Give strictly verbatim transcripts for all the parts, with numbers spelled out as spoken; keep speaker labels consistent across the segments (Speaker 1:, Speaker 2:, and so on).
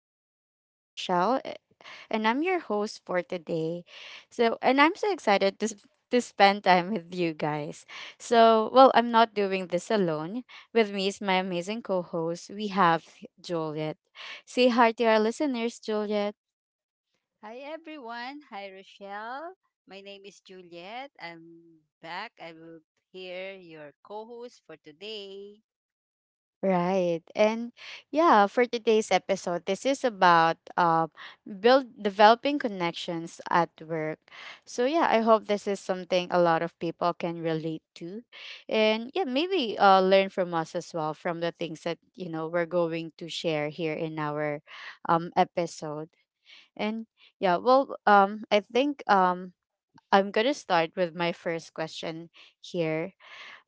Speaker 1: talks. I'm Rochelle eh, and I'm your host for today. So, and I'm so excited to s- to spend time with you guys. So, well, I'm not doing this alone. With me is my amazing co-host. We have Juliet. Say hi to our listeners, Juliet.
Speaker 2: Hi everyone. Hi Rochelle. My name is Juliet. I'm back. I will hear your co-host for today.
Speaker 1: Right. And yeah, for today's episode, this is about um build developing connections at work. So yeah, I hope this is something a lot of people can relate to. And yeah, maybe uh learn from us as well from the things that, you know, we're going to share here in our um episode. And yeah, well, um I think um I'm going to start with my first question here.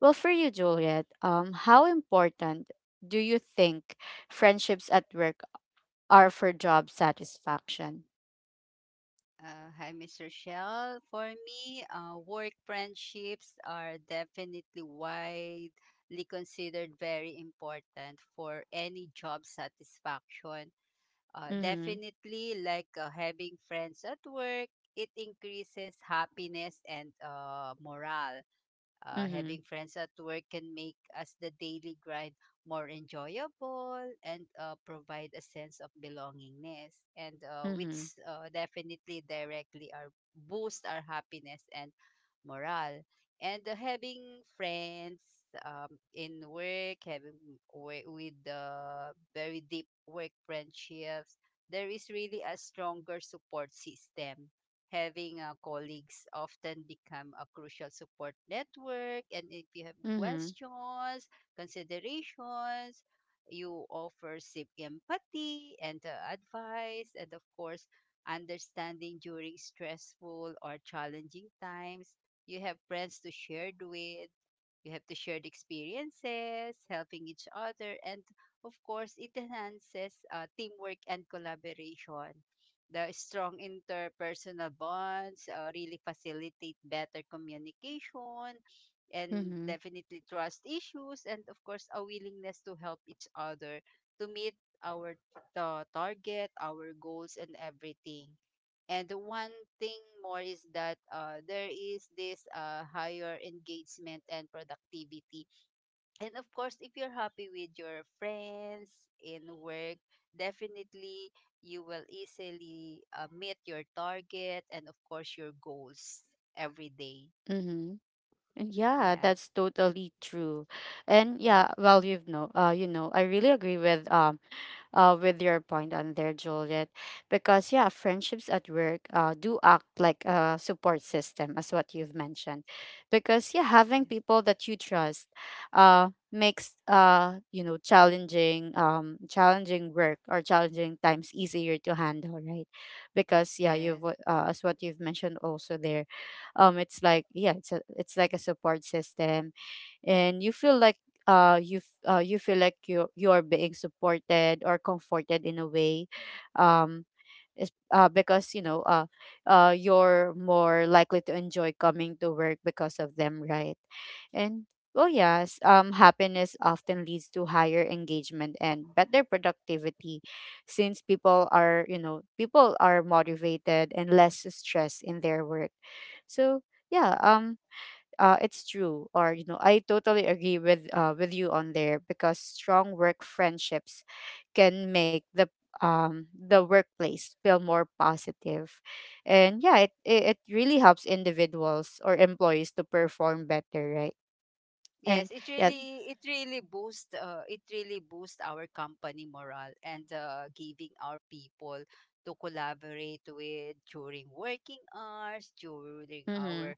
Speaker 1: Well, for you, Juliet, um, how important do you think friendships at work are for job satisfaction?
Speaker 2: Uh, hi, Miss Rochelle. For me, uh, work friendships are definitely widely considered very important for any job satisfaction. Uh,
Speaker 1: Mm-hmm.
Speaker 2: definitely, like uh, having friends at work, it increases happiness and uh, morale. Uh, having
Speaker 1: Mm-hmm.
Speaker 2: friends at work can make us the daily grind more enjoyable and uh, provide a sense of belongingness. And uh, with
Speaker 1: Mm-hmm.
Speaker 2: definitely directly or boost our happiness and morale. And uh, having friends um, in work, having wi- with the very deep work friendships, there is really a stronger support system. Having uh, colleagues often become a crucial support network. And if you have
Speaker 1: Mm-hmm.
Speaker 2: was considerations. You offer deep empathy and uh, advice, and of course, understanding during stressful or challenging times. You have friends to share with. You have to shared experiences, helping each other, and of course, it enhances uh, teamwork and collaboration. The strong interpersonal bonds uh, really facilitate better communication and
Speaker 1: Mm-hmm.
Speaker 2: trust issues, and of course, a willingness to help each other to meet our ta- target, our goals, and everything. And one thing more is that uh, there is this uh, higher engagement and productivity. And of course, if you're happy with your friends in work, definitely you will easily uh, meet your target and, of course, your goals every day.
Speaker 1: Mm-hmm. Yeah,
Speaker 2: Yeah.
Speaker 1: that's totally true. And
Speaker 2: Mm.
Speaker 1: yeah, well, you've know, uh, you know, I really agree with um uh, with your point on there, Juliet, because yeah, friendships at work uh, do act like a support system, as what you've mentioned, because yeah, having people that you trust uh, makes, uh, you know, challenging um, challenging work or challenging times easier to handle, right? Because yeah, you've
Speaker 2: Yes.
Speaker 1: uh, as what you've mentioned also there, um, it's like, yeah, it's a, it's like a support system and you feel like, uh you f- uh you feel like you you are being supported or comforted in a way, um is uh because you know uh uh you're more likely to enjoy coming to work because of them, right? And well, yes, um, happiness often leads to higher engagement and better productivity, since people are, you know people are motivated and less stressed in their work. So yeah, um uh, it's true, or you know, I totally agree with, uh, with you on there, because strong work friendships can make the, um the workplace feel more positive. And yeah, it, it it really helps individuals or employees to perform better, right? And
Speaker 2: Yes, it
Speaker 1: yeah.
Speaker 2: really it really boosts. Uh, it really boosts our company morale and uh, giving our people to collaborate with during working hours, during
Speaker 1: Mhm.
Speaker 2: our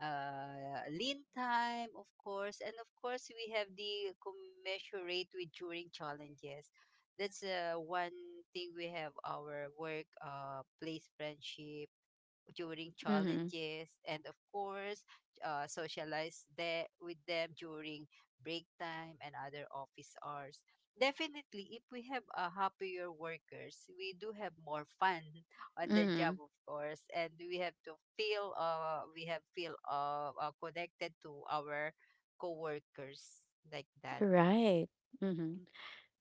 Speaker 2: uh, lean time, of course, and of course we have the commensurate with during challenges. That's uh, one thing we have our work uh, place friendship during
Speaker 1: Mhm.
Speaker 2: challenges, and of course uh, socialize there with them during break time and other office hours. Definitely if we have a happier workers we do have more fun on the job,
Speaker 1: Mhm.
Speaker 2: of course, and we have to feel uh we have feel uh, uh connected to our coworkers like that.
Speaker 1: Right. Mhm.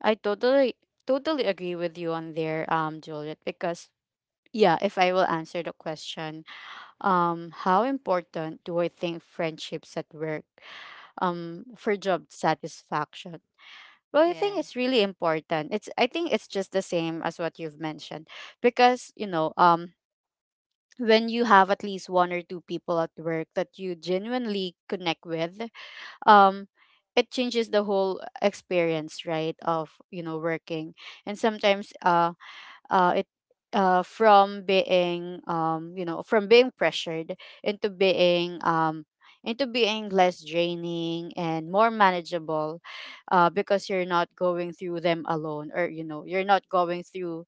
Speaker 1: I totally totally agree with you on there, um, Juliet, because yeah, if I will answer the question, um, how important do I think friendships at work um for job satisfaction? Well, I think
Speaker 2: Yes.
Speaker 1: it's really important. It's I think it's just the same as what you've mentioned, because, you know, um, when you have at least one or two people at work that you genuinely connect with, um, it changes the whole experience, right, of, you know, working. And sometimes uh uh, it uh, from being um, you know, from being pressured into being um, into being less draining and more manageable, uh, because you're not going through them alone, or you know, you're not going through,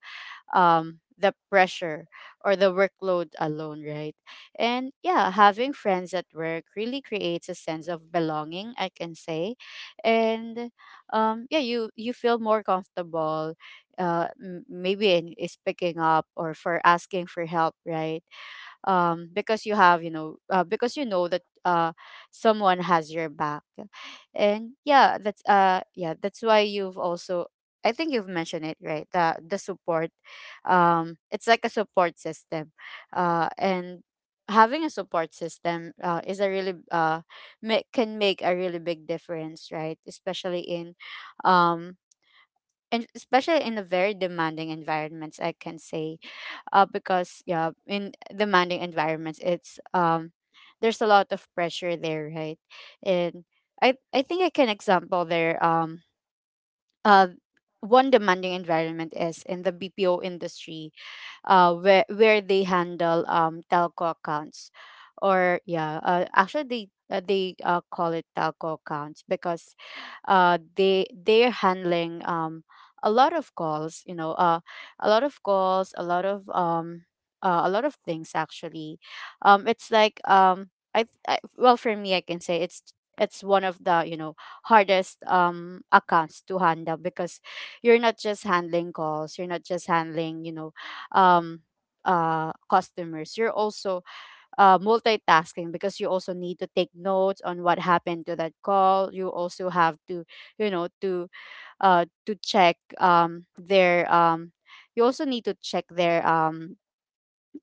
Speaker 1: um, the pressure or the workload alone, right? And yeah, having friends at work really creates a sense of belonging, I can say. And um, yeah, you, you feel more comfortable. Uh, m- maybe in, is picking up or for asking for help, right? Um, because you have you know uh, because you know that, uh someone has your back. And yeah, that's uh, yeah, that's why you've also, I think you've mentioned it, right, the the support, um, it's like a support system. Uh and having a support system, uh, is a really, uh ma- can make a really big difference, right, especially in, um and especially in a very demanding environments, I can say. Uh, because yeah, in demanding environments, it's um there's a lot of pressure there, right? And i i think I can example there, um uh one demanding environment is in the BPO industry, uh, where where they handle, um, telco accounts, or yeah, uh, actually they uh, they uh, call it telco accounts because uh, they they're handling, um, a lot of calls, you know, uh, a lot of calls, a lot of um, uh, a lot of things actually. Um, it's like um, I, I well for me I can say it's it's one of the, you know, hardest um accounts to handle, because you're not just handling calls, you're not just handling, you know, um uh customers, you're also, uh multitasking, because you also need to take notes on what happened to that call. You also have to, you know, to, uh to check um their um you also need to check their um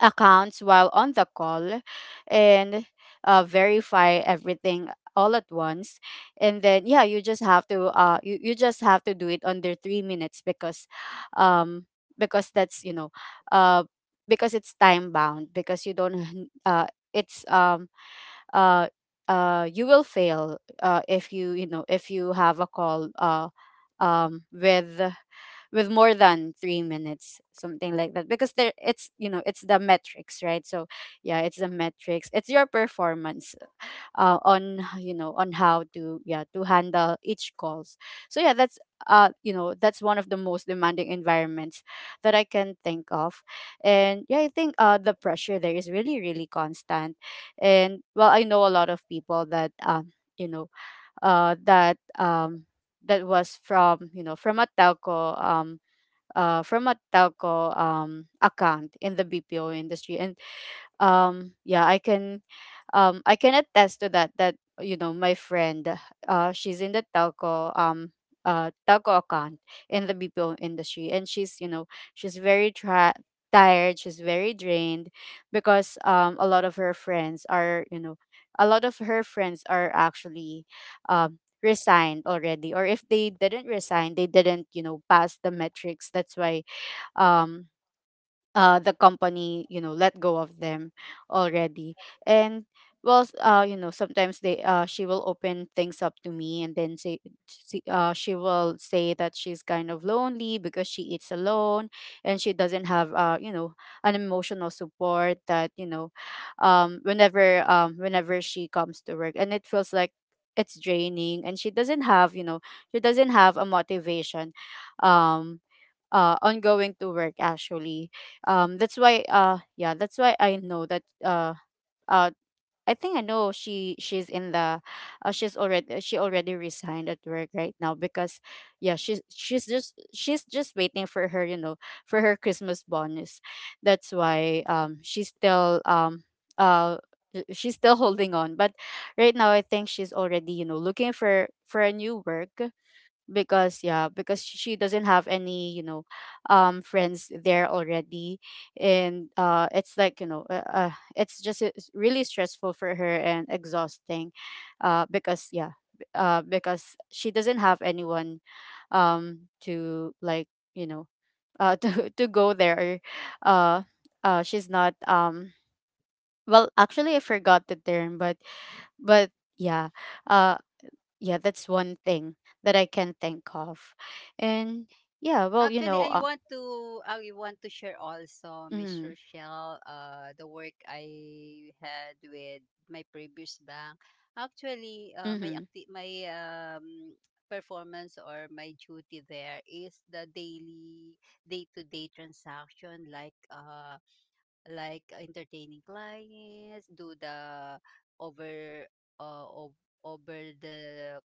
Speaker 1: accounts while on the call, and, uh, verify everything all at once. And then yeah, you just have to, uh you, you just have to do it under three minutes because, um because that's, you know, uh because it's time bound, because you don't uh it's um uh uh you will fail, uh if you, you know, if you have a call, uh um with with more than three minutes, something like that, because there it's, you know, it's the metrics, right? So yeah, it's the metrics, it's your performance, uh, on you know, on how to, yeah, to handle each calls. So yeah, that's, uh you know, that's one of the most demanding environments that I can think of. And yeah, I think, uh the pressure there is really really constant. And well, I know a lot of people that, um you know, uh that um that was from, you know, from a telco um uh, from a telco um, account in the B P O industry, and um, yeah, I can, um, I can attest to that. That, you know, my friend, uh, she's in the telco um, uh, telco account in the B P O industry, and she's, you know, she's very tra- tired. She's very drained because um, a lot of her friends are, you know a lot of her friends are actually, um, resigned already. Or if they didn't resign, they didn't, you know, pass the metrics, that's why, um uh the company, you know, let go of them already. And well, s- uh you know, sometimes they uh she will open things up to me and then say she, uh, she will say that she's kind of lonely because she eats alone, and she doesn't have, uh you know, an emotional support, that, you know um whenever um whenever she comes to work and it feels like it's draining, and she doesn't have, you know, she doesn't have a motivation, um uh on going to work, actually. Um, that's why, uh yeah, that's why I know that, uh uh I think I know she she's in the, uh, she's already, she already resigned at work right now, because yeah, she's she's just she's just waiting for her, you know, for her Christmas bonus. That's why um she's still, um uh sh- she's still holding on. But right now I think she's already, you know, looking for for a new work. Because yeah, because sh- she doesn't have any, you know, um, friends there already. And uh it's like, you know, uh, uh, it's just it's really stressful for her and exhausting, uh because yeah, b- uh because she doesn't have anyone, um, to like, you know, uh to to go there. uh uh she's not um, well actually I forgot the term, but but yeah. Uh, yeah, that's one thing that I can think of. And yeah, well, you
Speaker 2: Actually,
Speaker 1: know
Speaker 2: I
Speaker 1: uh,
Speaker 2: want to I want to share also, Miss
Speaker 1: mm,
Speaker 2: Rochelle, uh, the work I had with my previous bank. Actually, uh, my
Speaker 1: mm-hmm,
Speaker 2: acti- my um, performance or my duty there is the daily day-to-day transaction, like uh, like entertaining clients, do the over uh, ov- over the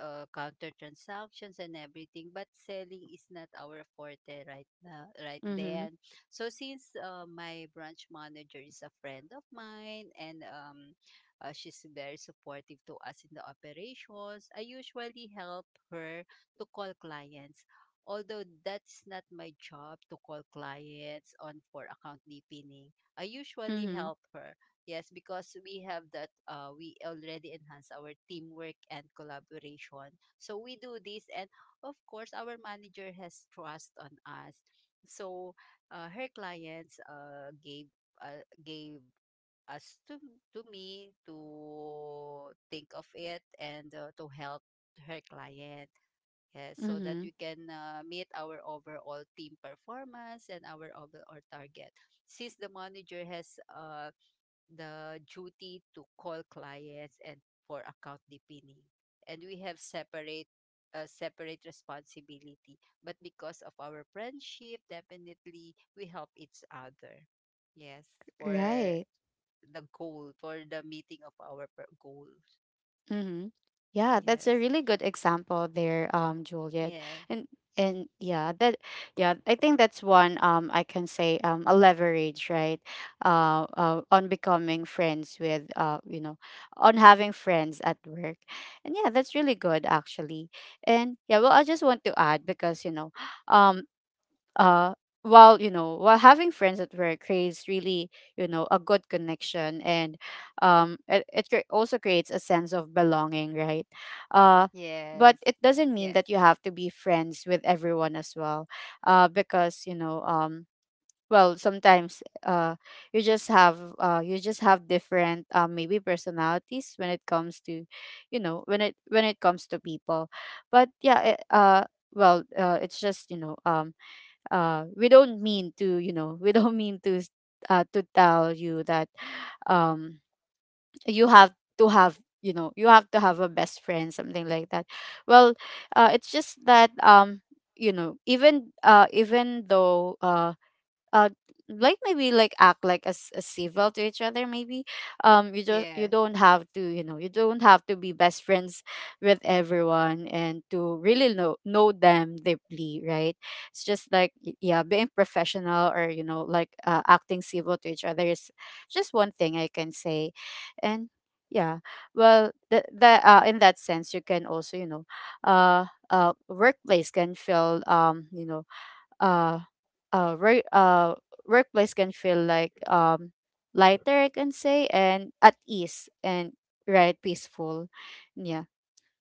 Speaker 2: uh, counter transactions and everything, but selling is not our forte right now, right
Speaker 1: mm-hmm,
Speaker 2: then. So since uh, my branch manager is a friend of mine, and um, uh, she's very supportive to us in the operations. I usually help her to call clients, although that's not my job to call clients on for account deepening. I usually
Speaker 1: mm-hmm,
Speaker 2: help her. Yes, because we have that, uh, we already enhance our teamwork and collaboration. So we do this, and of course, our manager has trust on us. So uh, her clients uh, gave uh, gave us to to me to think of it and uh, to help her client. Yes, so that
Speaker 1: mm-hmm,
Speaker 2: we can uh, meet our overall team performance and our overall target. Since the manager has uh, the duty to call clients and for account deepening. And we have separate uh, separate responsibility. But because of our friendship, definitely we help each other. Yes, for
Speaker 1: right.
Speaker 2: the goal, for the meeting of our per- goals.
Speaker 1: Mm-hmm. Yeah, that's a
Speaker 2: Yes.
Speaker 1: really good example there, um, Juliet.
Speaker 2: Yeah.
Speaker 1: And and yeah, that yeah, I think that's one, um, I can say, um, a leverage, right? Uh, uh on becoming friends with, uh, you know, on having friends at work. And yeah, that's really good actually. And yeah, well I just want to add because, you know, um uh while you know while having friends at work creates really, you know, a good connection. And um it, it cre- also creates a sense of belonging, right? uh but
Speaker 2: Yes.
Speaker 1: it doesn't mean
Speaker 2: Yes.
Speaker 1: that you have to be friends with everyone as well, uh because you know um well, sometimes, uh you just have uh you just have different, uh, maybe, personalities when it comes to, you know when it when it comes to people. But yeah, it, uh well, uh, it's just, you know um uh, we don't mean to, you know we don't mean to s- uh, to tell you that, um, you have to have, you know you have to have a best friend, something like that. Well, uh, it's just that, um, you know, even uh, even though, uh, uh like maybe like act like as a civil to each other maybe. Um you just, you
Speaker 2: Yes.
Speaker 1: don't have to, you know you don't have to be best friends with everyone and to really know know them deeply, right? It's just like y- yeah, being professional or, you know, like, uh, acting civil to each other is just one thing I can say. And yeah, well the, the uh, in that sense you can also, you know, uh uh workplace can feel um you know uh uh work uh workplace can feel like, um lighter I can say, and at ease and, right, peaceful. Yeah.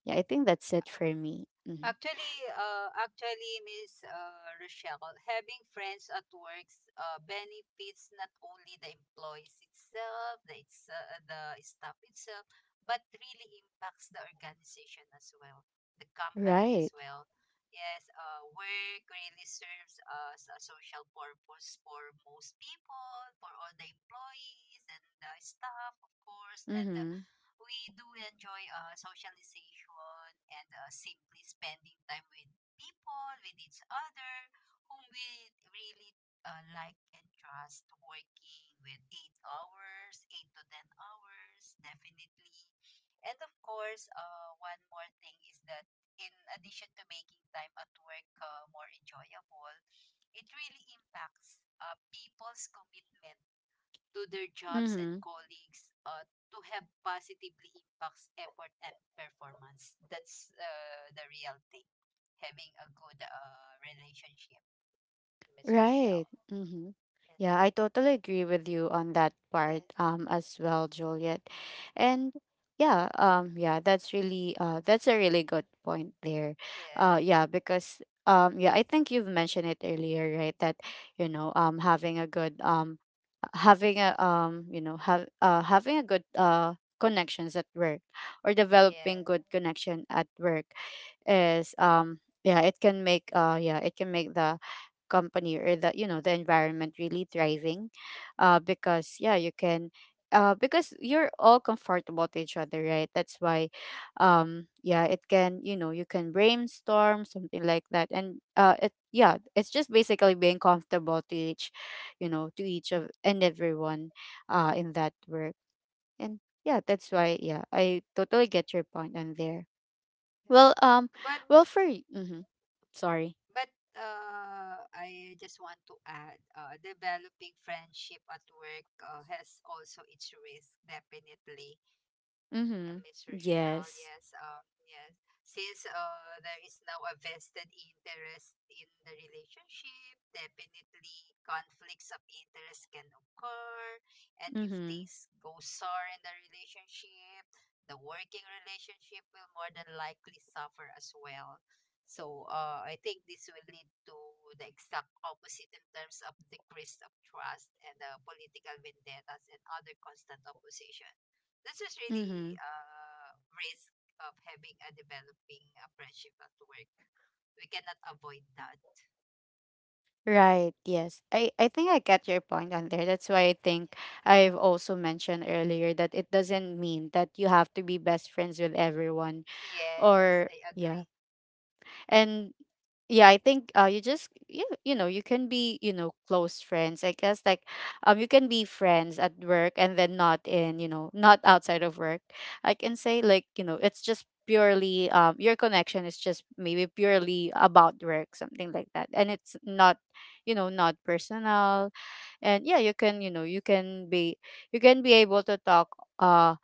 Speaker 1: Yeah, I think that's it for me. hmm
Speaker 2: Actually, uh, actually, Miss uh, Rochelle, having friends at work uh, benefits not only the employees itself, the, it's, uh, the staff itself, but really impacts the organization as well, the company as
Speaker 1: Right.
Speaker 2: well. Yes, uh, work really serves as a social purpose for most people, for all the employees and the staff, of course, and uh,
Speaker 1: Mhm.
Speaker 2: we do enjoy uh, socialization and uh, simply spending time with people, with each other, whom we really uh, like and trust working with eight hours, eight to ten hours, definitely. And of course, uh, one more thing is that in addition to making time at work uh, more enjoyable, it really impacts uh, people's commitment to their jobs and
Speaker 1: Mhm.
Speaker 2: colleagues uh, to have positively impacts effort and performance. That's uh, the real thing. Having a good uh, relationship, Miss Rochelle.
Speaker 1: Right. Mm-hmm. Yeah, I totally agree with you on that part, um as well, Juliet. And yeah, um yeah, that's really uh that's a really good point there. Uh
Speaker 2: Yes,
Speaker 1: yeah, because um yeah, I think you've mentioned it earlier, right? That, you know, um having a good um having a um you know, have uh having a good uh connections at work, or
Speaker 2: yes,
Speaker 1: developing good connection at work is, um yeah, it can make uh yeah, it can make the company or, the you know, the environment really thriving. Uh because yeah you can, uh because you're all comfortable to each other, right? That's why, um yeah, it can, you know, you can brainstorm something like that. And uh it yeah, it's just basically being comfortable to each, you know, to each of and everyone uh in that work. And yeah, that's why yeah, I totally get your point on there.
Speaker 2: yes.
Speaker 1: well, um,
Speaker 2: But
Speaker 1: well for mm-hmm, Sorry.
Speaker 2: but uh, I just want to add, uh, developing friendship at work uh, has also its risk, definitely. A
Speaker 1: Mm-hmm.
Speaker 2: Michelle,
Speaker 1: Yes.
Speaker 2: yes, um, yes. Since uh, there is now a vested interest in the relationship, definitely conflicts of interest can occur. And if
Speaker 1: Mm-hmm.
Speaker 2: things sour in the relationship, the working relationship will more than likely suffer as well. So uh, I think this will lead to the exact opposite in terms of decrease of trust and uh, political vendettas and other constant opposition. This is
Speaker 1: Mm-hmm.
Speaker 2: really uh, risk of having a developing uh, friendship at work. We cannot avoid that.
Speaker 1: Right. Yes. I I think I get your point on there. That's why I think I've also mentioned earlier that it doesn't mean that you have to be best friends with everyone, or
Speaker 2: Yes,
Speaker 1: yeah. And yeah, I think uh you just you, you know, you can be, you know, close friends I guess. Like, um you can be friends at work and then not in, you know, not outside of work, I can say. Like, you know, it's just purely, um your connection is just maybe purely about work, something like that, and it's not, you know, not personal. And yeah, you can, you know, you can be, you can be able to talk uh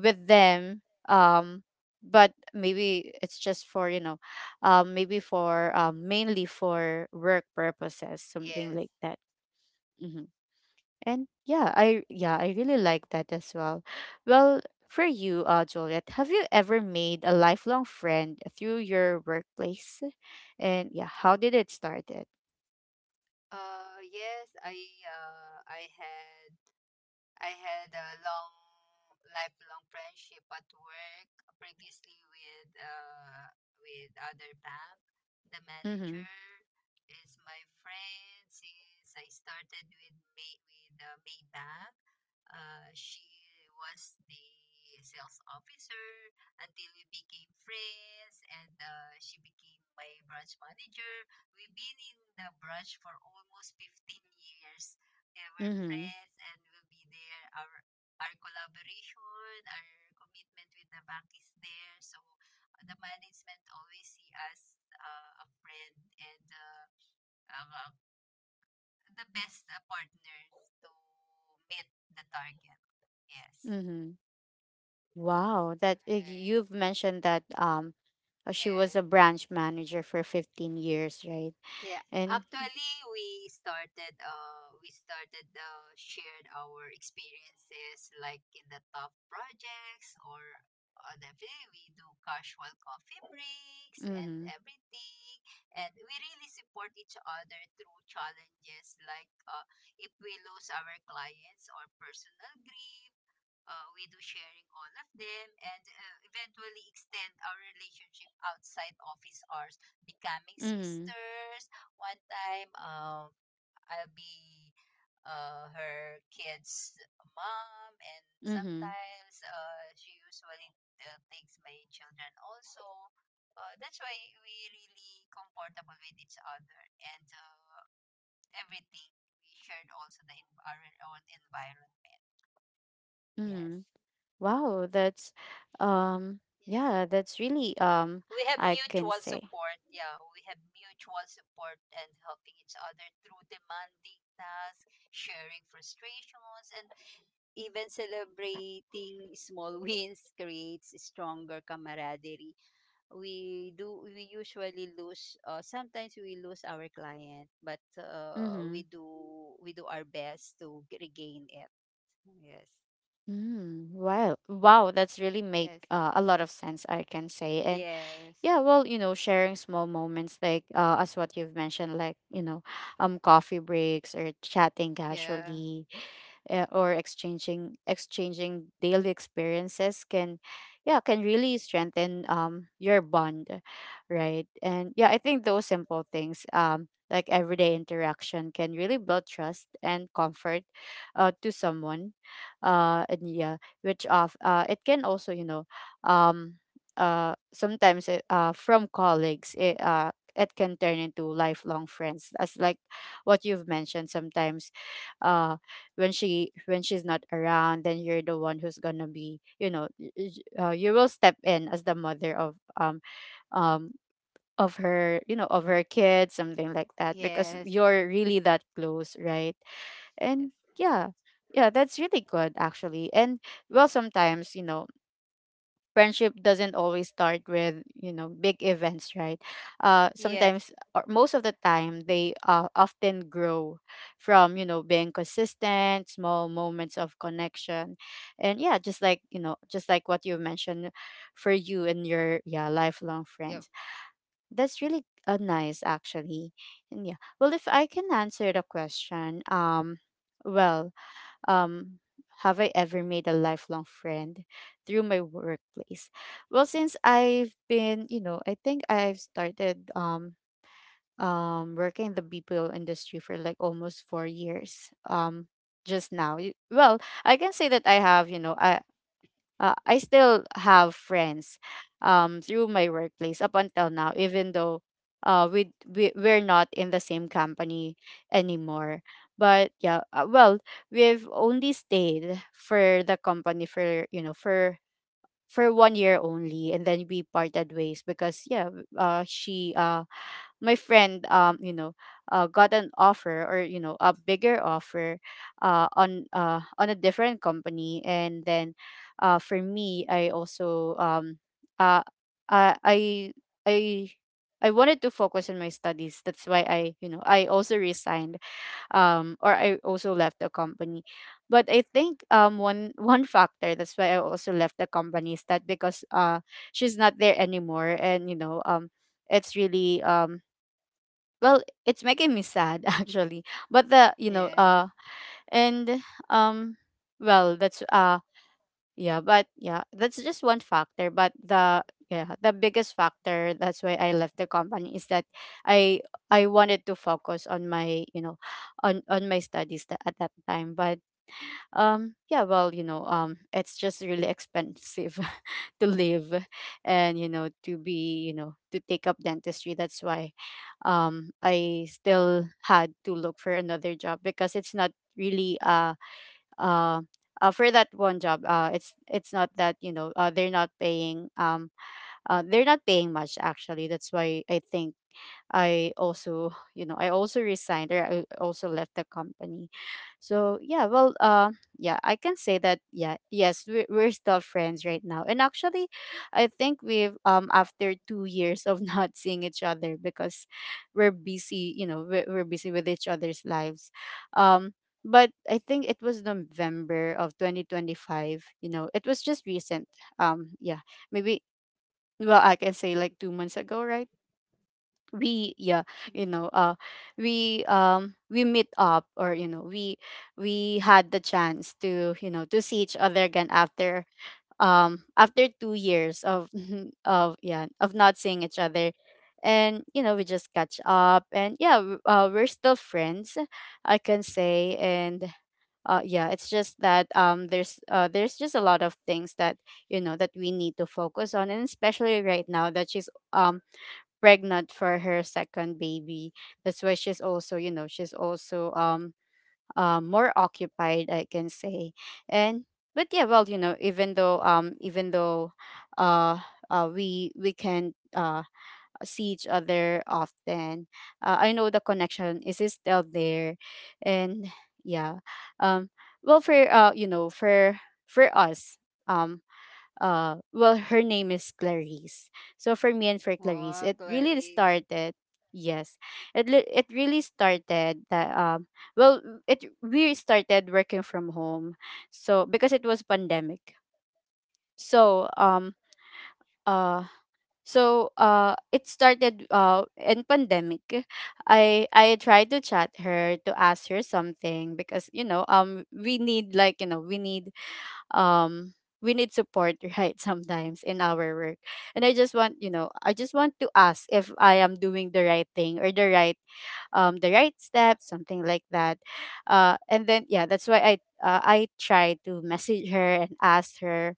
Speaker 1: with them. um but maybe it's just for, you know, um maybe for, um mainly for work purposes, something
Speaker 2: yes.
Speaker 1: like that. Mhm. And yeah, I, yeah, I really like that as well. Well, for you, uh, Juliet, have you ever made a lifelong friend through your workplace? And yeah, how did it started?
Speaker 2: Uh, yes, I uh, I had I had a long lifelong friendship at work previously with uh with other bank, the
Speaker 1: Mm-hmm.
Speaker 2: manager. Is my friend since I started with May with uh, Maybank. Uh, she was the sales officer until we became friends, and uh, she became my branch manager. We've been in the branch for almost fifteen years. Yeah, we're
Speaker 1: Mm-hmm.
Speaker 2: friends, and will be there. Our our collaboration, our commitment with the bank is there. So the management always see us uh, a friend. And Uh, uh, the best uh, partners to meet the target. Yes.
Speaker 1: Mm-hmm. Wow, that uh,
Speaker 2: Yes, that's,
Speaker 1: you've mentioned that, um uh, she was
Speaker 2: yeah.
Speaker 1: a branch manager for fifteen years, right?
Speaker 2: Yeah.
Speaker 1: And
Speaker 2: Actually, we started uh we started uh shared our experiences like in the top projects, or uh, definitely we do casual coffee breaks and
Speaker 1: mhm.
Speaker 2: thing, and we really support each other through challenges, like uh if we lose our clients or personal grief. Uh, we do sharing all of them, and uh, eventually extend our relationship outside office hours, becoming sis.
Speaker 1: Mhm.
Speaker 2: One time um I'll be uh, her kids mom, and
Speaker 1: Mhm.
Speaker 2: sometimes uh, she usually uh, takes my children also. Uh, that's why we really comfortable with each other, and uh, everything. We shared also the env- our own environment. Yes,
Speaker 1: Mhm. Wow, that's, um yeah, that's really um
Speaker 2: we have
Speaker 1: I can
Speaker 2: mutual
Speaker 1: say.
Speaker 2: support. Yeah, we have mutual support and helping each other through demanding tasks, sharing frustrations, and even celebrating small wins creates stronger camaraderie. We do. We usually lose. Uh, sometimes we lose our client, but uh, we
Speaker 1: Mhm.
Speaker 2: do, we do our best to g- regain it. Yes.
Speaker 1: Mm, wow. Wow, that's really make
Speaker 2: Yes.
Speaker 1: uh, a lot of sense, I can say. And
Speaker 2: Yes.
Speaker 1: yeah, well, you know, sharing small moments like, uh as what you've mentioned, like, you know, um coffee breaks or chatting
Speaker 2: Uh,
Speaker 1: casually, uh, or exchanging exchanging daily experiences can, yeah, can really strengthen um your bond, right? And yeah, I think those simple things, um like everyday interaction, can really build trust and comfort, uh, to someone. Uh and yeah, which of uh it can also, you know, um uh, sometimes it, uh, from colleagues, it, uh, it can turn into lifelong friends. As like what you've mentioned, sometimes, uh, when she when she's not around, then you're the one who's gonna be, you know, y- y- uh, you will step in as the mother of, um um of her, you know, of her kids, something like that, because
Speaker 2: yes.
Speaker 1: you're really that close, right? And yeah, yeah, that's really good actually. And well, sometimes, you know, friendship doesn't always start with, you know, big events, right? Uh
Speaker 2: Yes.
Speaker 1: sometimes, or most of the time, they uh, often grow from, you know, being consistent small moments of connection. And yeah, just like, you know, just like what you mentioned for you and your, yeah, lifelong
Speaker 2: Yes.
Speaker 1: friends, that's really, uh, nice actually. And yeah, well, if I can answer the question, um well um have I ever made a lifelong friend through my workplace? Well, since I've been, you know, I think I've started, um um working in the B P O industry for like almost four years. Um just now. Y- Well, I can say that I have, you know, I uh, I still have friends, um, through my workplace up until now, even though, uh, we, we we're not in the same company anymore. But yeah, uh, well, we've only stayed for the company for, you know, for for one year only, and then we parted ways because yeah, uh, she uh my friend, um you know uh, got an offer, or, you know, a bigger offer, uh, on uh, on a different company. And then, uh, for me, I also, um uh, uh, i i I wanted to focus on my studies, that's why I, you know, I also resigned, um or I also left the company. But I think, um one one factor that's why I also left the company is that because, uh she's not there anymore, and you know, um it's really, um well, it's making me sad actually. But the you know
Speaker 2: Yep.
Speaker 1: uh and um well that's uh yeah but yeah that's just one factor. But the, yeah, the biggest factor that's why I left the company is that i I wanted to focus on my, you know, on on my studies tha- at that time. But, um, yeah, well, you know, um, it's just really expensive to live, and, you know, to be, you know, to take up dentistry. That's why, um, I still had to look for another job because it's not really, uh, uh, uh, for that one job. Uh, it's it's not that, you know, uh, they're not paying, um, uh, they're not paying much actually. That's why I think I also, you know, I also resigned or I also left the company. So yeah, well, uh, yeah, I can say that. Yeah, yes, we're, we're still friends right now, and actually, I think we've, um after two years of not seeing each other because we're busy, you know, we're, we're busy with each other's lives, um. But I think it was November of twenty twenty-five. You know, it was just recent. Um, yeah, maybe. Well, I can say like two months ago, right? we yeah you know uh we, um we meet up, or, you know, we we had the chance to, you know, to see each other again after, um after two years of of, yeah, of not seeing each other. And you know, we just catch up, and yeah, w- uh, we're still friends, I can say. And uh yeah, it's just that, um there's uh there's just a lot of things that, you know, that we need to focus on, and especially right now that she's, um pregnant for her second baby. That's why she's also, you know, she's also, um uh, more occupied, I can say. And but yeah, well, you know, even though um even though, uh, uh we we can uh see each other often, uh, I know the connection is still there. And yeah, um well for uh you know, for for us, um uh well, her name is Clarice. So for me and for
Speaker 2: Wow,
Speaker 1: Clarice, it really
Speaker 2: Clarice.
Speaker 1: started— yes. It li- it really started that, um well it we started working from home. So because it was pandemic. So, um uh so uh it started uh in pandemic. I I tried to chat her to ask her something because, you know, um we need like you know we need, um we need support right, sometimes in our work. And I just want, you know, I just want to ask if I am doing the right thing or the right, um the right steps, something like that. Uh and then yeah, that's why i uh, I tried to message her and ask her.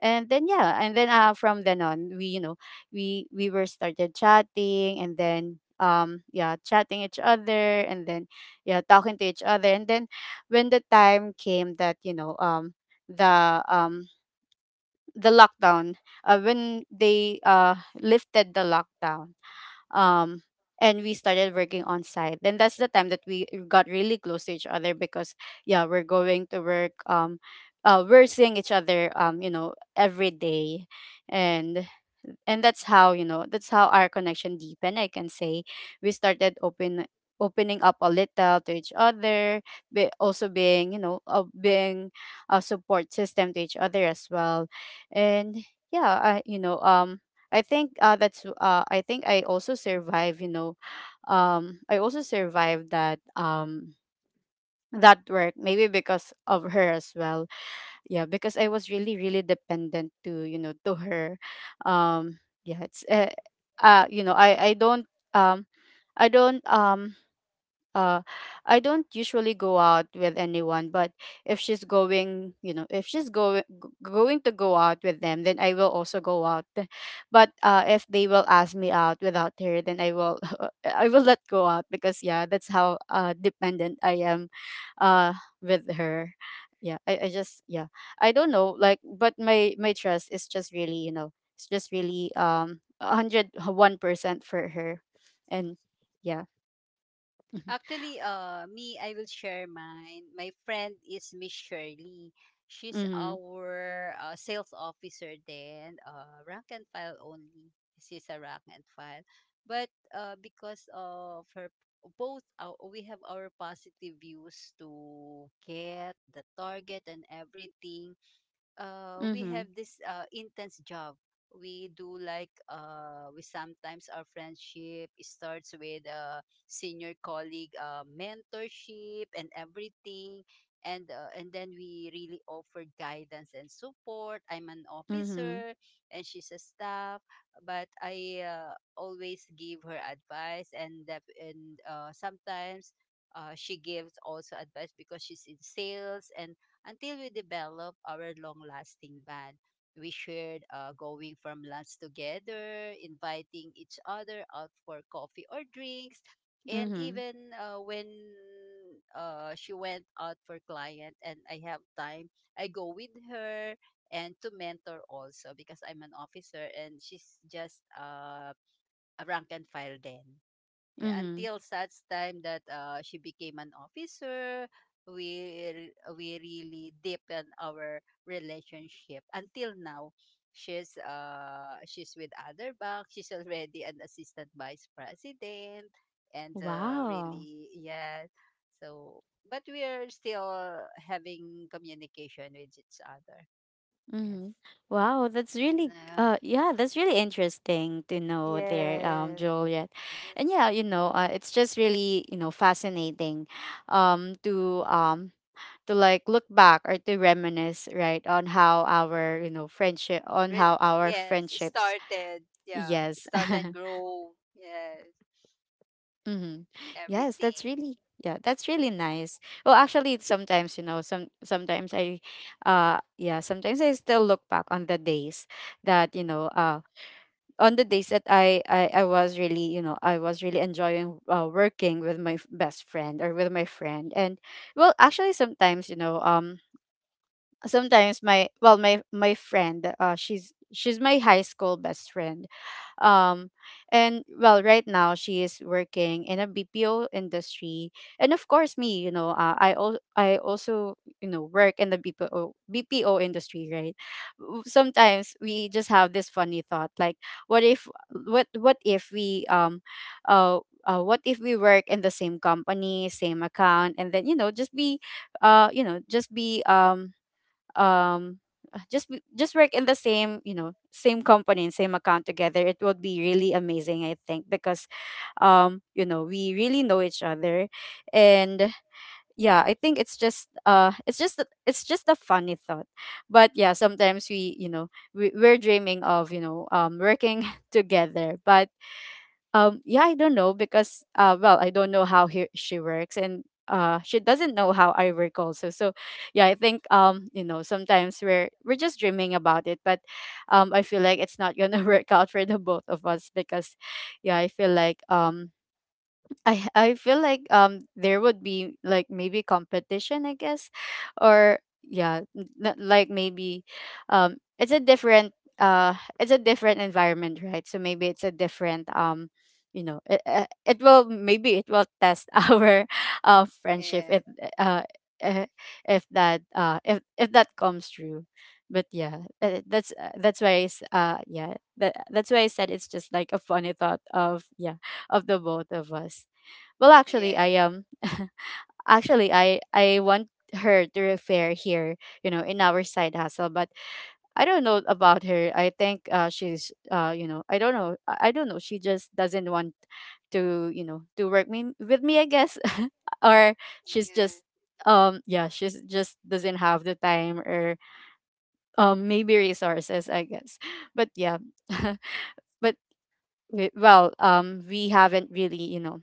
Speaker 1: And then yeah, and then uh from then on, we, you know, we we were started chatting, and then, um yeah, chatting each other, and then yeah, talking to each other. And then when the time came that, you know, um the um the lockdown, uh, when they uh lifted the lockdown, um, and we started working on site, then that's the time that we got really close to each other. Because yeah, we're going to work. Um, uh, we're seeing each other, Um, you know, every day. and and that's how, you know, that's how our connection deepened, I can say. We started open opening up a little to each other, but also being, you know, uh, being a support system to each other as well. And yeah, I, you know, um I think uh that's uh I think I also survived, you know. Um, I also survived that um that work maybe because of her as well. Yeah, because I was really really dependent to, you know, to her. Um yeah, it's uh, uh you know, I I don't um I don't um uh I don't usually go out with anyone, but if she's going, you know, if she's going going to go out with them, then I will also go out. But uh if they will ask me out without her, then I will I will not go out because yeah, that's how uh dependent I am uh with her. Yeah, I, I just yeah. I don't know, like but my my trust is just really, you know, it's just really um a hundred and one percent for her. And yeah.
Speaker 2: Actually, uh, me, I will share mine. My friend is Miss Shirley. She's
Speaker 1: Mhm.
Speaker 2: our uh, sales officer then, uh, rank and file only. She's a rank and file. But uh, because of her, both our, we have our positive views to get the target and everything. Uh, we
Speaker 1: Mhm.
Speaker 2: have this uh, intense job. We do, like uh, we sometimes our friendship starts with a senior colleague uh, mentorship and everything, and uh, and then we really offer guidance and support. I'm an
Speaker 1: Mhm.
Speaker 2: officer, and she's a staff, but I uh, always give her advice, and that, and uh, sometimes uh, she gives also advice because she's in sales, and until we develop our long-lasting band. We shared uh, going from lunch together, inviting each other out for coffee or drinks, and
Speaker 1: Mhm.
Speaker 2: even uh, when uh, she went out for client and I have time, I go with her and to mentor also because I'm an officer and she's just uh, a rank and file then. Yeah,
Speaker 1: Mhm.
Speaker 2: until such time that uh, she became an officer, we we really deepen our relationship. Until now, she's uh she's with other bank. She's already an assistant vice president, and uh,
Speaker 1: Wow.
Speaker 2: really yeah. So, but we are still having communication with each other. Yes.
Speaker 1: Mhm. Wow, that's really
Speaker 2: Yeah.
Speaker 1: uh yeah, that's really interesting to know there, um,
Speaker 2: Yes.
Speaker 1: Juliet.
Speaker 2: Yes.
Speaker 1: And yeah, you know, uh, it's just really, you know, fascinating um to um to like look back or to reminisce, right, on how our, you know, friendship on
Speaker 2: Really,
Speaker 1: how our
Speaker 2: yeah,
Speaker 1: friendships
Speaker 2: started, yeah,
Speaker 1: yes.
Speaker 2: start and grow, yes,
Speaker 1: Mm-hmm. Yes,
Speaker 2: everything,
Speaker 1: that's really yeah, that's really nice. Well, actually, it's sometimes you know, some sometimes I, uh, yeah, sometimes I still look back on the days that you know, uh, on the days that I I, I was really you know I was really enjoying uh, working with my f- best friend or with my friend. And well, actually, sometimes you know, um, sometimes my well, my my friend, uh, she's she's my high school best friend, um, and well, right now she is working in a B P O industry, and of course me, you know, uh, I al- I also you know work in the B P O B P O industry, right? W- Sometimes we just have this funny thought, like, what if what what if we um uh, uh what if we work in the same company, same account, and then you know just be uh you know just be um um uh, just w- just work in the same you know same company and same account together. It would be really amazing, I think, because um you know we really know each other. And yeah, I think it's just uh it's just a- it's just a funny thought. But yeah, sometimes we you know we, we're dreaming of you know um working together. But um, yeah, I don't know because uh, well, I don't know how he, she works, and uh, she doesn't know how I work also. So yeah, I think um, you know, sometimes we're we're just dreaming about it, but um, I feel like it's not gonna work out for the both of us because, yeah, I feel like um, I I feel like um there would be like maybe competition, I guess, or yeah n- n- like maybe um it's a different uh it's a different environment, right? So maybe it's a different, um you know it, uh, it will maybe it will test our uh friendship if
Speaker 2: yes,
Speaker 1: uh eh, if that uh if if that comes true. But yeah, uh, that's uh, that's why I s uh yeah that, that's why I said it's just like a funny thought of yeah of the both of us. Well, actually,
Speaker 2: yes.
Speaker 1: I um, actually, I I want her to refer here, you know, in our side hustle. But I don't know about her. I think uh, she's uh, you know, I don't know. I I don't know. She just doesn't want to, you know, to work me with me, I guess, or she's just
Speaker 2: Yes.
Speaker 1: um yeah, she's just doesn't have the time, or um maybe resources, I guess. But yeah. But we, well um we haven't really you know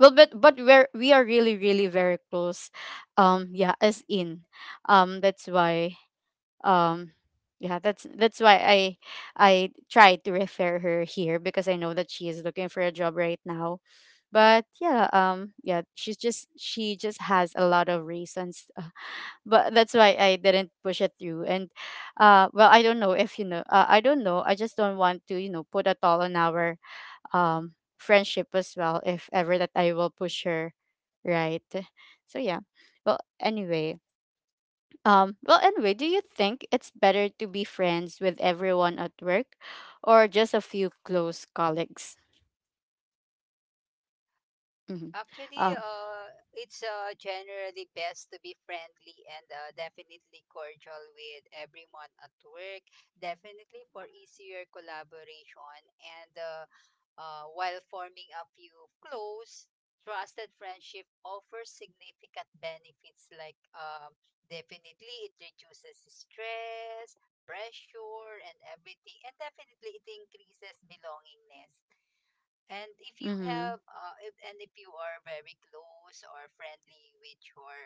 Speaker 1: well, but but we're we are really really very close, um yeah, as in, um that's why, um yeah, that's that's why i I tried to refer her here because I know that she is looking for a job right now. But yeah, um yeah, she's just she just has a lot of reasons. But that's why I didn't push it through. And uh well, I don't know if you know uh, I don't know, I just don't want to you know put a toll on our um friendship as well, if ever that I will push her, right? So yeah, well anyway um well, anyway, do you think it's better to be friends with everyone at work or just a few close colleagues? Mm-hmm.
Speaker 2: Actually,
Speaker 1: uh,
Speaker 2: uh, it's uh, generally best to be friendly and uh, definitely cordial with everyone at work, definitely for easier collaboration, and uh, Uh, while forming a few close, trusted friendship offers significant benefits, like um, definitely it reduces stress, pressure, and everything, and definitely it increases belongingness. And if you
Speaker 1: mm-hmm,
Speaker 2: have, uh, if, and if you are very close or friendly with your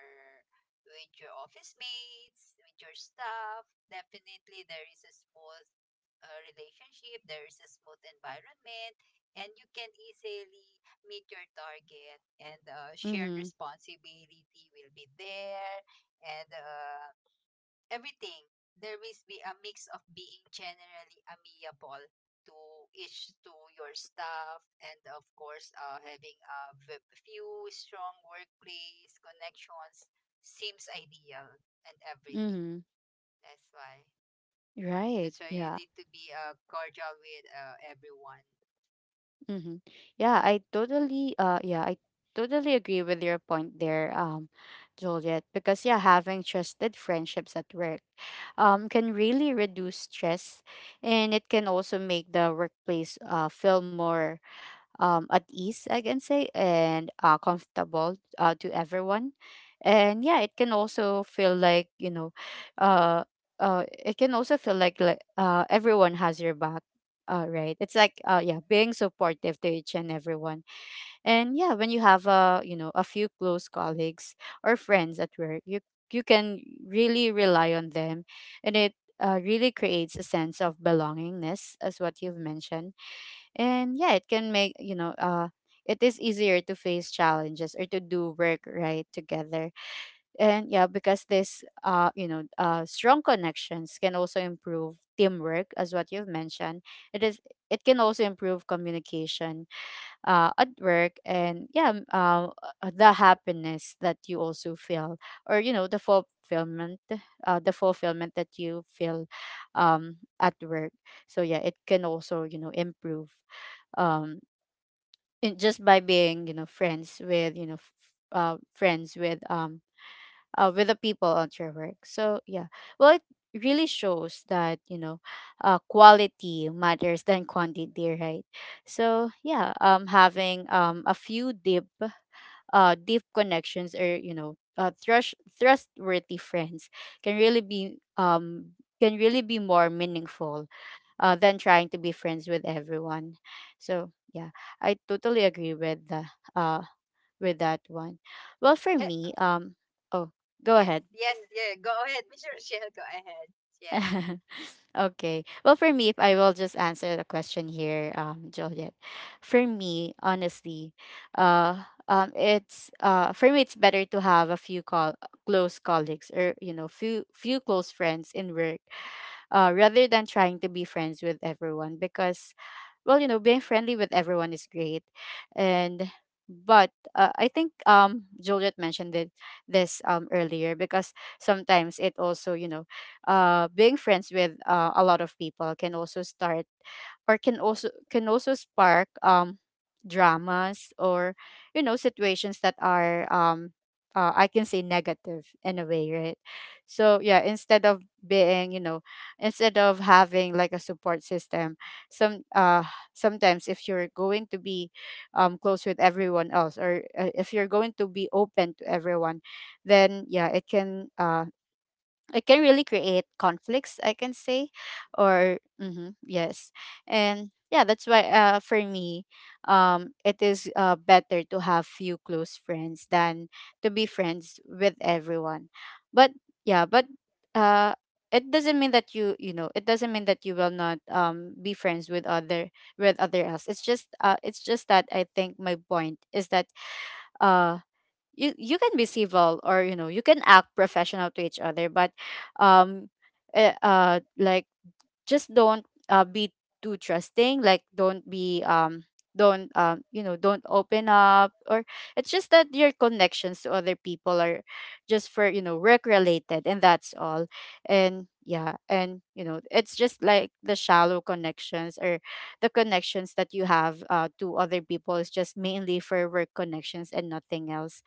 Speaker 2: with your office mates, with your staff, definitely there is a small uh, relationship, there is a smooth environment, and you can easily meet your target. And uh, shared
Speaker 1: mm-hmm,
Speaker 2: responsibility will be there, and uh, everything. There will be a mix of being generally amiable to each to your staff, and of course, uh, having a v- few strong workplace connections seems ideal and everything.
Speaker 1: mm-hmm.
Speaker 2: That's why.
Speaker 1: Right,
Speaker 2: That's why you
Speaker 1: yeah.
Speaker 2: need to be uh, cordial with uh, everyone.
Speaker 1: Mm-hmm. Yeah, I totally uh yeah, I totally agree with your point there, um, Juliet, because yeah, having trusted friendships at work um can really reduce stress, and it can also make the workplace uh feel more um, at ease, I can say, and uh, comfortable uh, to everyone. And yeah, it can also feel like, you know, uh, uh, it can also feel like, like uh, everyone has your back. Uh, right. It's like uh yeah, being supportive to each and everyone. And yeah, when you have uh, you know, a few close colleagues or friends at work, you you can really rely on them. And it uh, really creates a sense of belongingness, as what you've mentioned. And yeah, it can make you know uh it is easier to face challenges or to do work right together. And yeah, because this uh you know uh strong connections can also improve teamwork, as what you've mentioned. it is it can also improve communication uh, at work. And yeah, m- uh, uh, the happiness that you also feel, or you know, the fulfillment, uh, the fulfillment that you feel um, at work. So yeah, it can also you know improve um in, just by being you know friends with you know f- uh, friends with um uh, with the people at your work. So yeah, well, it really shows that you know uh, quality matters than quantity, right? So yeah, um having um a few deep uh deep connections, or you know uh, trust, trustworthy friends can really be um can really be more meaningful uh, than trying to be friends with everyone. So yeah, I totally agree with the uh with that one. Well, for me, um, oh, go
Speaker 2: Yes,
Speaker 1: ahead.
Speaker 2: yes. Yeah, go ahead, mister Rochelle. Go ahead. Yes.
Speaker 1: Okay. Well, for me, if I will just answer the question here, um, Juliet. For me, honestly, uh, um, it's uh, for me, it's better to have a few call close colleagues, or you know few few close friends in work, uh, rather than trying to be friends with everyone. Because well, you know, being friendly with everyone is great, and but uh, I think um Juliet mentioned it, this um earlier, because sometimes it also you know uh being friends with uh, a lot of people can also start, or can also can also spark um dramas, or you know situations that are um uh, I can say negative in a way, right? So yeah, instead of being you know, instead of having like a support system, some uh sometimes if you're going to be um close with everyone else, or uh, if you're going to be open to everyone, then yeah, it can uh it can really create conflicts, I can say. Or mhm, yes. And yeah, that's why uh, for me, um, it is uh, better to have few close friends than to be friends with everyone. But yeah, but uh, it doesn't mean that you you know, it doesn't mean that you will not um, be friends with other, with other else. It's just uh, it's just that I think my point is that uh, you you can be civil, or you know, you can act professional to each other, but um eh, uh like just don't uh, be too trusting. Like don't be um don't um you know, don't open up, or it's just that your connections to other people are just for you know work related, and that's all. And yeah, and you know, it's just like the shallow connections, or the connections that you have uh, to other people, is just mainly for work connections and nothing else.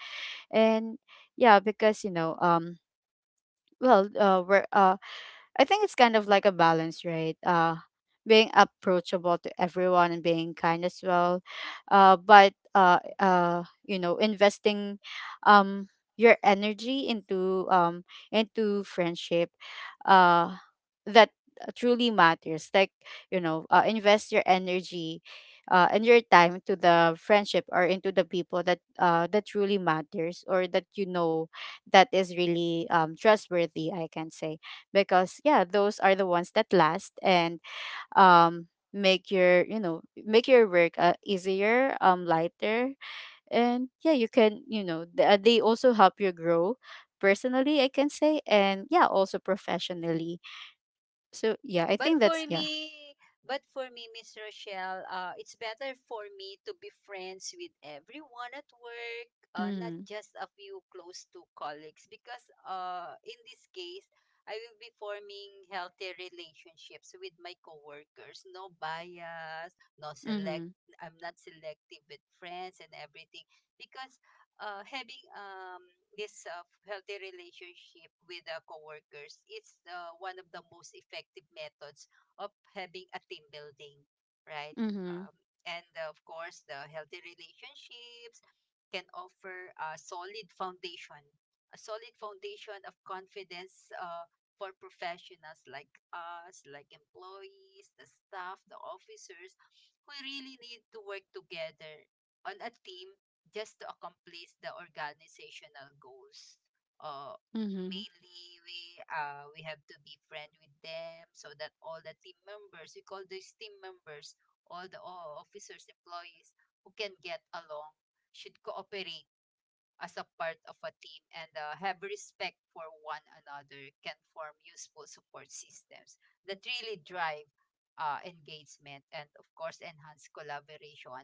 Speaker 1: And yeah, because you know, um, well, uh, we're uh, I think it's kind of like a balance, right? Uh, being approachable to everyone and being kind as well, uh, but uh, uh, you know, investing um, your energy into um, into friendship uh, that truly matters. Like you know, uh, invest your energy uh, and your time to the friendship, or into the people that uh, that truly matters, or that you know that is really um, trustworthy, I can say. Because yeah, those are the ones that last, and um make your you know make your work uh, easier, um lighter. And yeah, you can you know th- uh, they also help you grow personally, I can say, and yeah, also professionally. So yeah, I
Speaker 2: But
Speaker 1: think
Speaker 2: for
Speaker 1: that's yeah.
Speaker 2: me, but for me, Miss Rochelle, uh, it's better for me to be friends with everyone at work, uh, not
Speaker 1: Mm,
Speaker 2: just a few close to colleagues, because uh, in this case, I will be forming healthy relationships with my coworkers. No bias, no select.
Speaker 1: mm-hmm.
Speaker 2: I'm not selective with friends and everything because uh, having um, this uh, healthy relationship with uh, coworkers is uh, one of the most effective methods of having a team building, right?
Speaker 1: Mm-hmm.
Speaker 2: Um, and uh, Of course, the healthy relationships can offer a solid foundation, a solid foundation of confidence uh, for professionals like us, like employees, the staff, the officers, who really need to work together on a team just to accomplish the organizational goals. Uh,
Speaker 1: Mm-hmm.
Speaker 2: mainly we uh, we have to be friend with them so that all the team members, we call these team members, all the all officers, employees who can get along should cooperate as a part of a team and uh, have respect for one another, can form useful support systems that really drive uh, engagement, and of course enhance collaboration.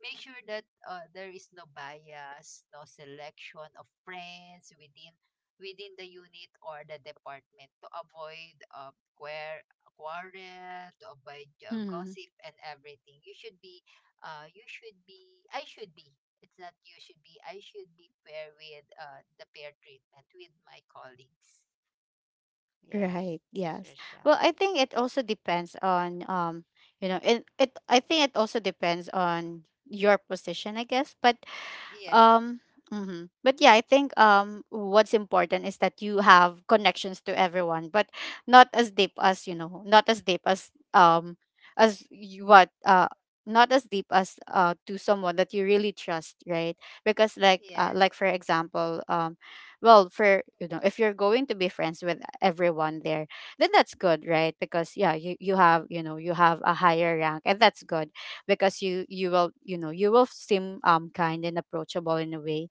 Speaker 2: Make sure that uh, there is no bias, no selection of friends within within the unit or the department, to avoid uh, queer quarrel, to avoid uh,
Speaker 1: Mm-hmm.
Speaker 2: gossip and everything. You should be uh, you should be I should be It's not you should be. I should be fair with uh, the fair treatment with my colleagues. Yes,
Speaker 1: Right,
Speaker 2: it's
Speaker 1: yes.
Speaker 2: Rochelle.
Speaker 1: Well, I think it also depends on um you know it, it, I think it also depends on your position, I guess, but
Speaker 2: Yes,
Speaker 1: Um, mhm. But yeah, I think um, what's important is that you have connections to everyone, but not as deep as, you know, not as deep as, um, as you, what uh, not as deep as, uh to someone that you really trust, right? Because like, uh,
Speaker 2: yes,
Speaker 1: like for example, um, well, for you know, if you're going to be friends with everyone there, then that's good, right? Because yeah, you you have, you know you have a higher rank, and that's good because you you will, you know you will seem um kind and approachable in a way,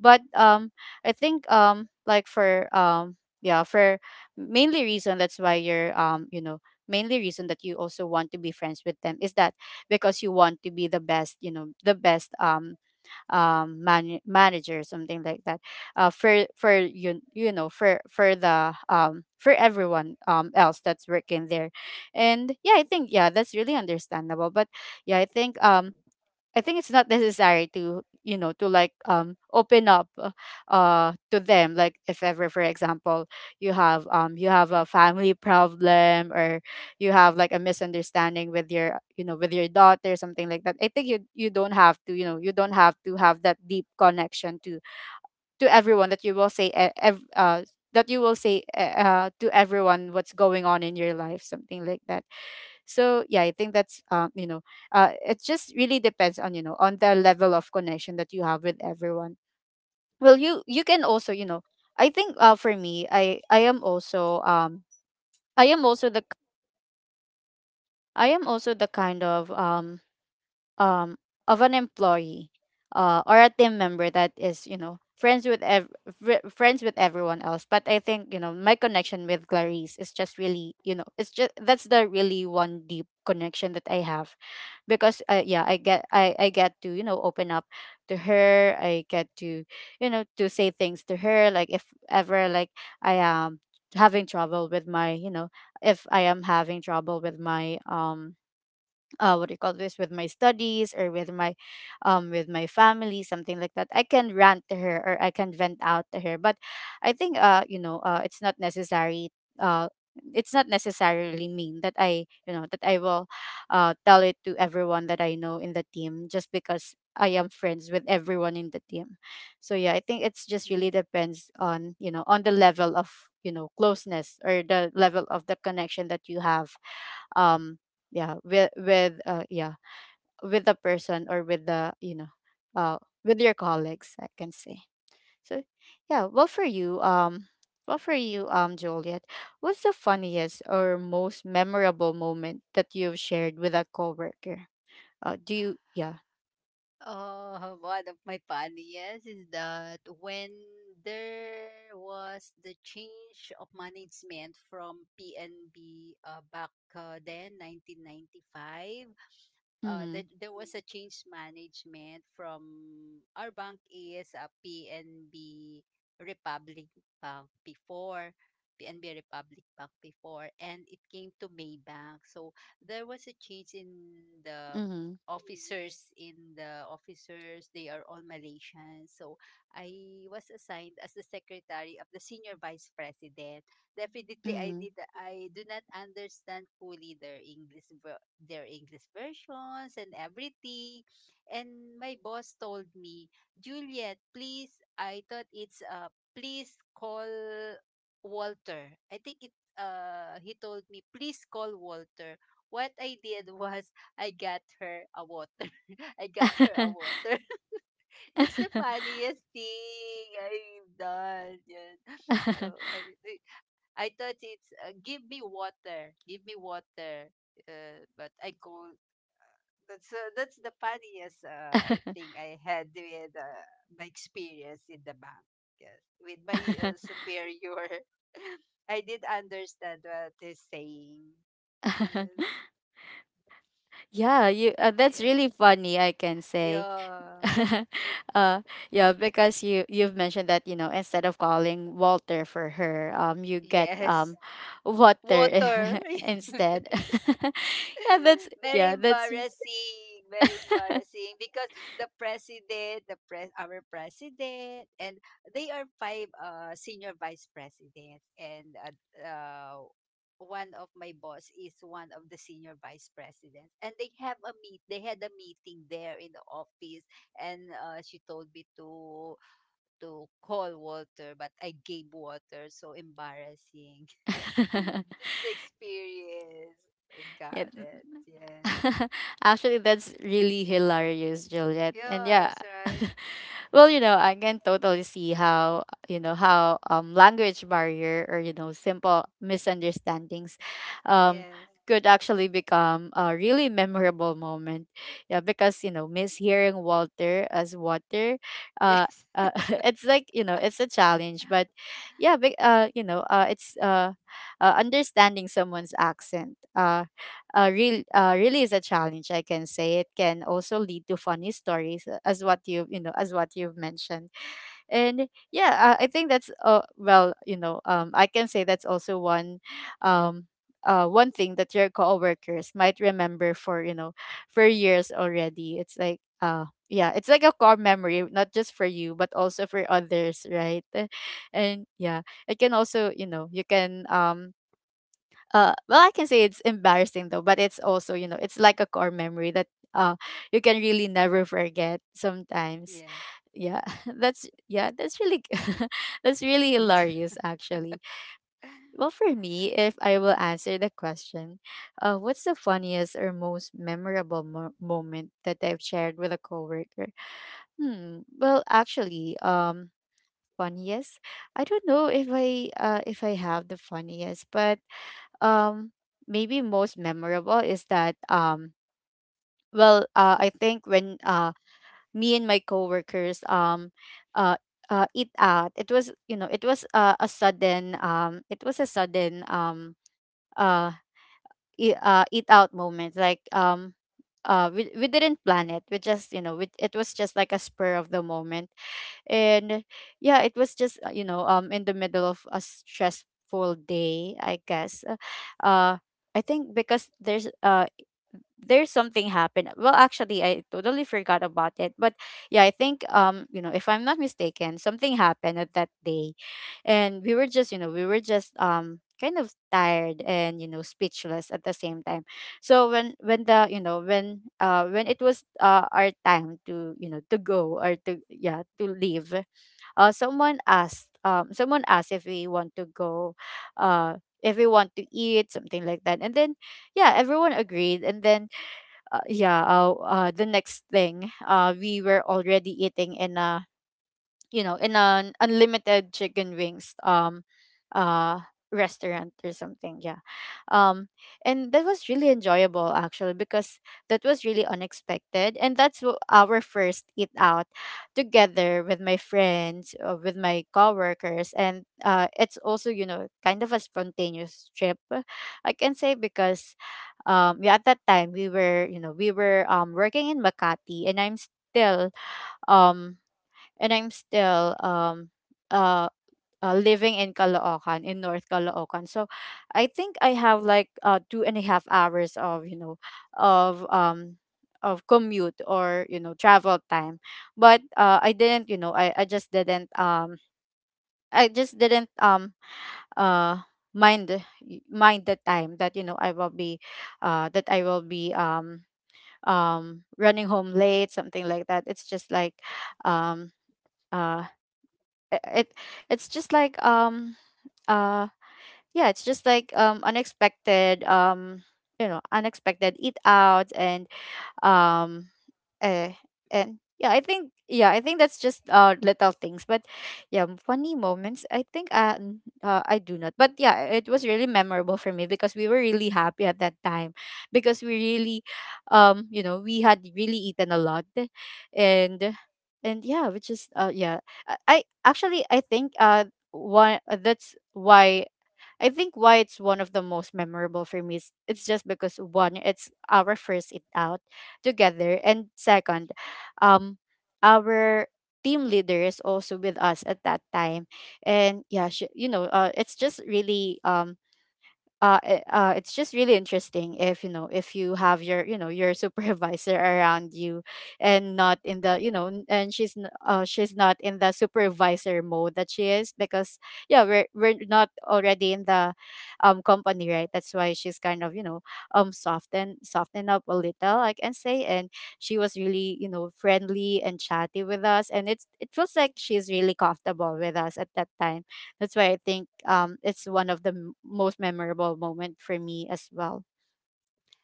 Speaker 1: but um I think um like for um yeah, for mainly reason that's why you're um you know mainly reason that you also want to be friends with them is that, because you want to be the best, you know the best, um um, man- manager, something like that. Uh, for for you, you know for for the, um, for everyone, um, else that's working there, and yeah, I think yeah, that's really understandable. But yeah, I think um I think it's not necessary to, you know to like um open up, uh uh, to them, like if ever, for example, you have, um you have a family problem, or you have like a misunderstanding with your, you know with your daughter, something like that. I think you you don't have to, you know you don't have to have that deep connection to to everyone, that you will say, e- ev- uh that you will say, uh, uh, to everyone what's going on in your life, something like that. So yeah, I think that's um you know uh it just really depends on, you know on the level of connection that you have with everyone. Well, you you can also, you know I think uh for me, i i am also um I am also the i am also the kind of, um um of an employee, uh or a team member that is, you know friends with ev- fri friends with everyone else. But I think, you know my connection with Clarice is just really, you know it's just, that's the really one deep connection that I have, because, uh, yeah, I get, I, I get to, you know open up to her. I get to, you know to say things to her, like if ever, like I am having trouble with my, you know if I am having trouble with my, um uh, what do you call this, with my studies, or with my, um with my family, something like that. I can rant to her, or I can vent out to her. But I think, uh you know uh it's not necessary, uh it's not necessarily mean that I, you know that I will uh tell it to everyone that I know in the team, just because I am friends with everyone in the team. So yeah, I think it's just really
Speaker 2: yes.
Speaker 1: depends on, you know on the level of, you know closeness, or the level of the connection that you have, um yeah, with with uh yeah, with the person, or with the, you know uh with your colleagues, I can say. So yeah, well for you, um well for you, um Juliet, what's the funniest or most memorable moment that you've shared with a coworker? Uh do you Yeah.
Speaker 2: Oh, one of my funniest is that when there was the change of management from P N B uh, back uh, then, nineteen ninety-five, uh,
Speaker 1: Mm-hmm.
Speaker 2: that there was a change management from our bank is a P N B Republic Bank before P N B Republic Bank before, and it came to Maybank. So there was a change in the
Speaker 1: Mm-hmm.
Speaker 2: officers in the officers. They are all Malaysians, so I was assigned as the secretary of the senior vice president. Definitely, I
Speaker 1: Mm-hmm.
Speaker 2: did. I do not understand fully their English, ver- their English versions and everything. And my boss told me, Juliet, please. I thought it's uh, please call Walter. I think it. Uh, he told me, please call Walter. What I did was I got her a water. I got her a water. That's the funniest thing I've done. Yun. Oh, I, I thought it's uh, give me water, give me water. Uh, but I call that's uh, That's the funniest uh, thing I had with uh, my experience in the bank. Yes, with my uh, superior, I did understand what he's saying. Yes,
Speaker 1: Yeah, you uh, that's
Speaker 2: yes,
Speaker 1: really funny, I can say.
Speaker 2: yeah,
Speaker 1: uh yeah, because you you've mentioned that, you know instead of calling Walter for her, um you get,
Speaker 2: yes.
Speaker 1: um water.
Speaker 2: Water.
Speaker 1: Instead. Yeah, that's,
Speaker 2: Very
Speaker 1: yeah, that's,
Speaker 2: embarrassing, very embarrassing, because the president, the pres, our president, and they are five uh, senior vice presidents, and uh, uh, one of my boss is one of the senior vice presidents, and they have a meet. They had a meeting there in the office, and uh, she told me to to call Walter, but I gave Walter. So embarrassing experience. I
Speaker 1: yeah.
Speaker 2: got it. Yes.
Speaker 1: Actually, that's really hilarious, Juliet. And yeah,
Speaker 2: Yes, right.
Speaker 1: well, you know, I can totally see how, you know, how um language barrier, or, you know, simple misunderstandings, um
Speaker 2: Yeah.
Speaker 1: could actually become a really memorable moment. Yeah, because, you know, mishearing Walter as water,
Speaker 2: Yeah.
Speaker 1: uh, uh, it's like, you know it's a challenge. But yeah, but, uh you know uh it's uh, uh, understanding someone's accent, uh uh, real, uh, really is a challenge. I can say it can also lead to funny stories, uh, as what you you know as what you've mentioned. And yeah, uh, I think that's uh, well, you know, um, I can say that's also one, um, uh, one thing that your coworkers might remember for, you know, for years already. It's like uh, yeah, it's like a core memory, not just for you but also for others, right? And yeah, it can also, you know you can, um uh well, I can say it's embarrassing though, but it's also, you know it's like a core memory that, uh you can really never forget sometimes. Yeah, that's, yeah, that's really, that's really hilarious, actually. Well, for me, if I will answer the question, uh what's the funniest or most memorable mo- moment that I've shared with a coworker? Hmm, well actually, um funniest, I don't know if I uh if I have the funniest, but um maybe most memorable is that, um well, uh, I think when uh me and my coworkers, um uh uh eat out. It was, you know it was uh, a sudden, um it was a sudden, um uh, e- uh eat out moment, like, um uh we, we didn't plan it, we just, you know we, it was just like a spur of the moment. And yeah, it was just, uh, you know, um in the middle of a stressful day, I guess. uh uh, I think because there's uh there's something happened, well actually I totally forgot about it, but yeah, I think, um you know, if I'm not mistaken, something happened at that day. And we were just, you know we were just, um kind of tired, and, you know, speechless at the same time. So when, when the you know when uh when it was uh our time to, you know to go, or to, yeah, to leave, uh someone asked, um someone asked if we want to go, uh if we want to eat, something like that. And then, yeah, everyone agreed. And then, uh, yeah, uh, uh the next thing, uh we were already eating in a, you know in an unlimited chicken wings, um uh restaurant, or something, yeah. um and that was really enjoyable, actually, because that was really unexpected, and that's wh- our first eat out together with my friends, uh, with my coworkers. And uh it's also, you know kind of a spontaneous trip, I can say, because, um yeah, at that time we were, you know we were um working in Makati, and I'm still um and I'm still, um uh, uh living in Caloocan, in North Caloocan. So I think I have like uh two and a half hours of, you know of um of commute, or, you know, travel time. But uh I didn't, you know I, I just didn't um I just didn't, um uh mind the- y- mind the time, that, you know, I will be, uh that I will be, um um running home late, something like that. It's just like, um uh it, it it's just like, um uh yeah, it's just like um unexpected, um you know, unexpected eat out. And um Eh, and yeah, I think, yeah, I think that's just uh little things, but yeah, m- funny moments. I think, uh, n- uh I do not, but yeah, it was really memorable for me, because we were really happy at that time, because we really, um, you know, we had really eaten a lot, and and yeah, which is uh yeah, I, I actually I think uh one, that's why I think why it's one of the most memorable for me, is it's just because one, it's our first eat out together, and second, um, our team leader is also with us at that time, and yeah, she, you know, uh, it's just really, um uh, i- uh, it's just really interesting, if, you know if you have your, you know, your supervisor around you, and not in the, you know, n- and she's, n- uh, she's not in the supervisor mode that she is, because yeah, we're we're not already in the um company, right? That's why she's kind of, you know, um soften soften up a little, I can say. And she was really, you know, friendly and chatty with us, and it's it feels like she's really comfortable with us at that time. That's why I think um it's one of the m- most memorable moment for me as well.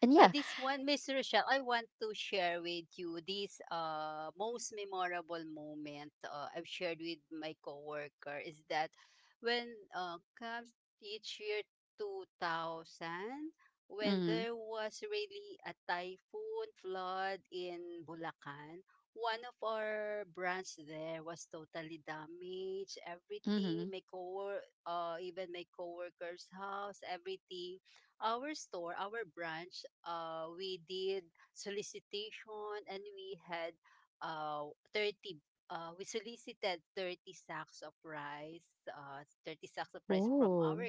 Speaker 1: And
Speaker 2: Uh,
Speaker 1: yeah.
Speaker 2: this one, Miss Rochelle, I want to share with you this uh, most memorable moment uh, I've shared with my coworker is that when uh, comes each year two thousand, when
Speaker 1: Mm-hmm.
Speaker 2: there was really a typhoon flood in Bulacan. One of our branch there was totally damaged.
Speaker 1: Mm-hmm.
Speaker 2: Everything, or uh, even my coworker's house, everything, our store, our branch, uh, we did solicitation, and we had uh, thirty uh, we solicited thirty sacks
Speaker 1: Oh.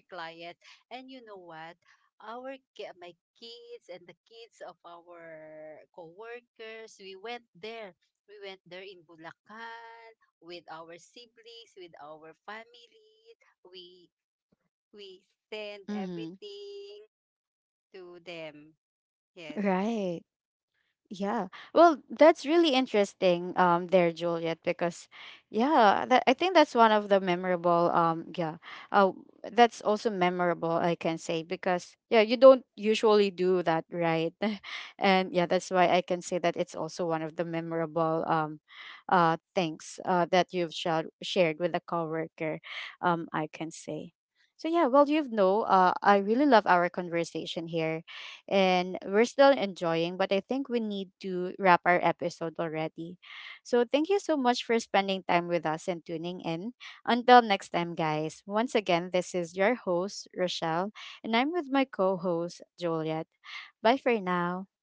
Speaker 1: Mm-hmm. Right. Yeah. Well, that's really interesting, um there, Juliet, because yeah, that, I think that's one of the memorable, um yeah. Uh that's also memorable, I can say, because yeah, you don't usually do that, right? And yeah, that's why I can say that it's also one of the memorable, um uh things uh that you've shared shared with a coworker, um I can say. So yeah, well, you know, uh I really love our conversation here, and we're still enjoying, but I think we need to wrap our episode already. So thank you so much for spending time with us and tuning in. Until next time, guys. Once again, this is your host, Rochelle, and I'm with my co host, Juliet. Bye for now.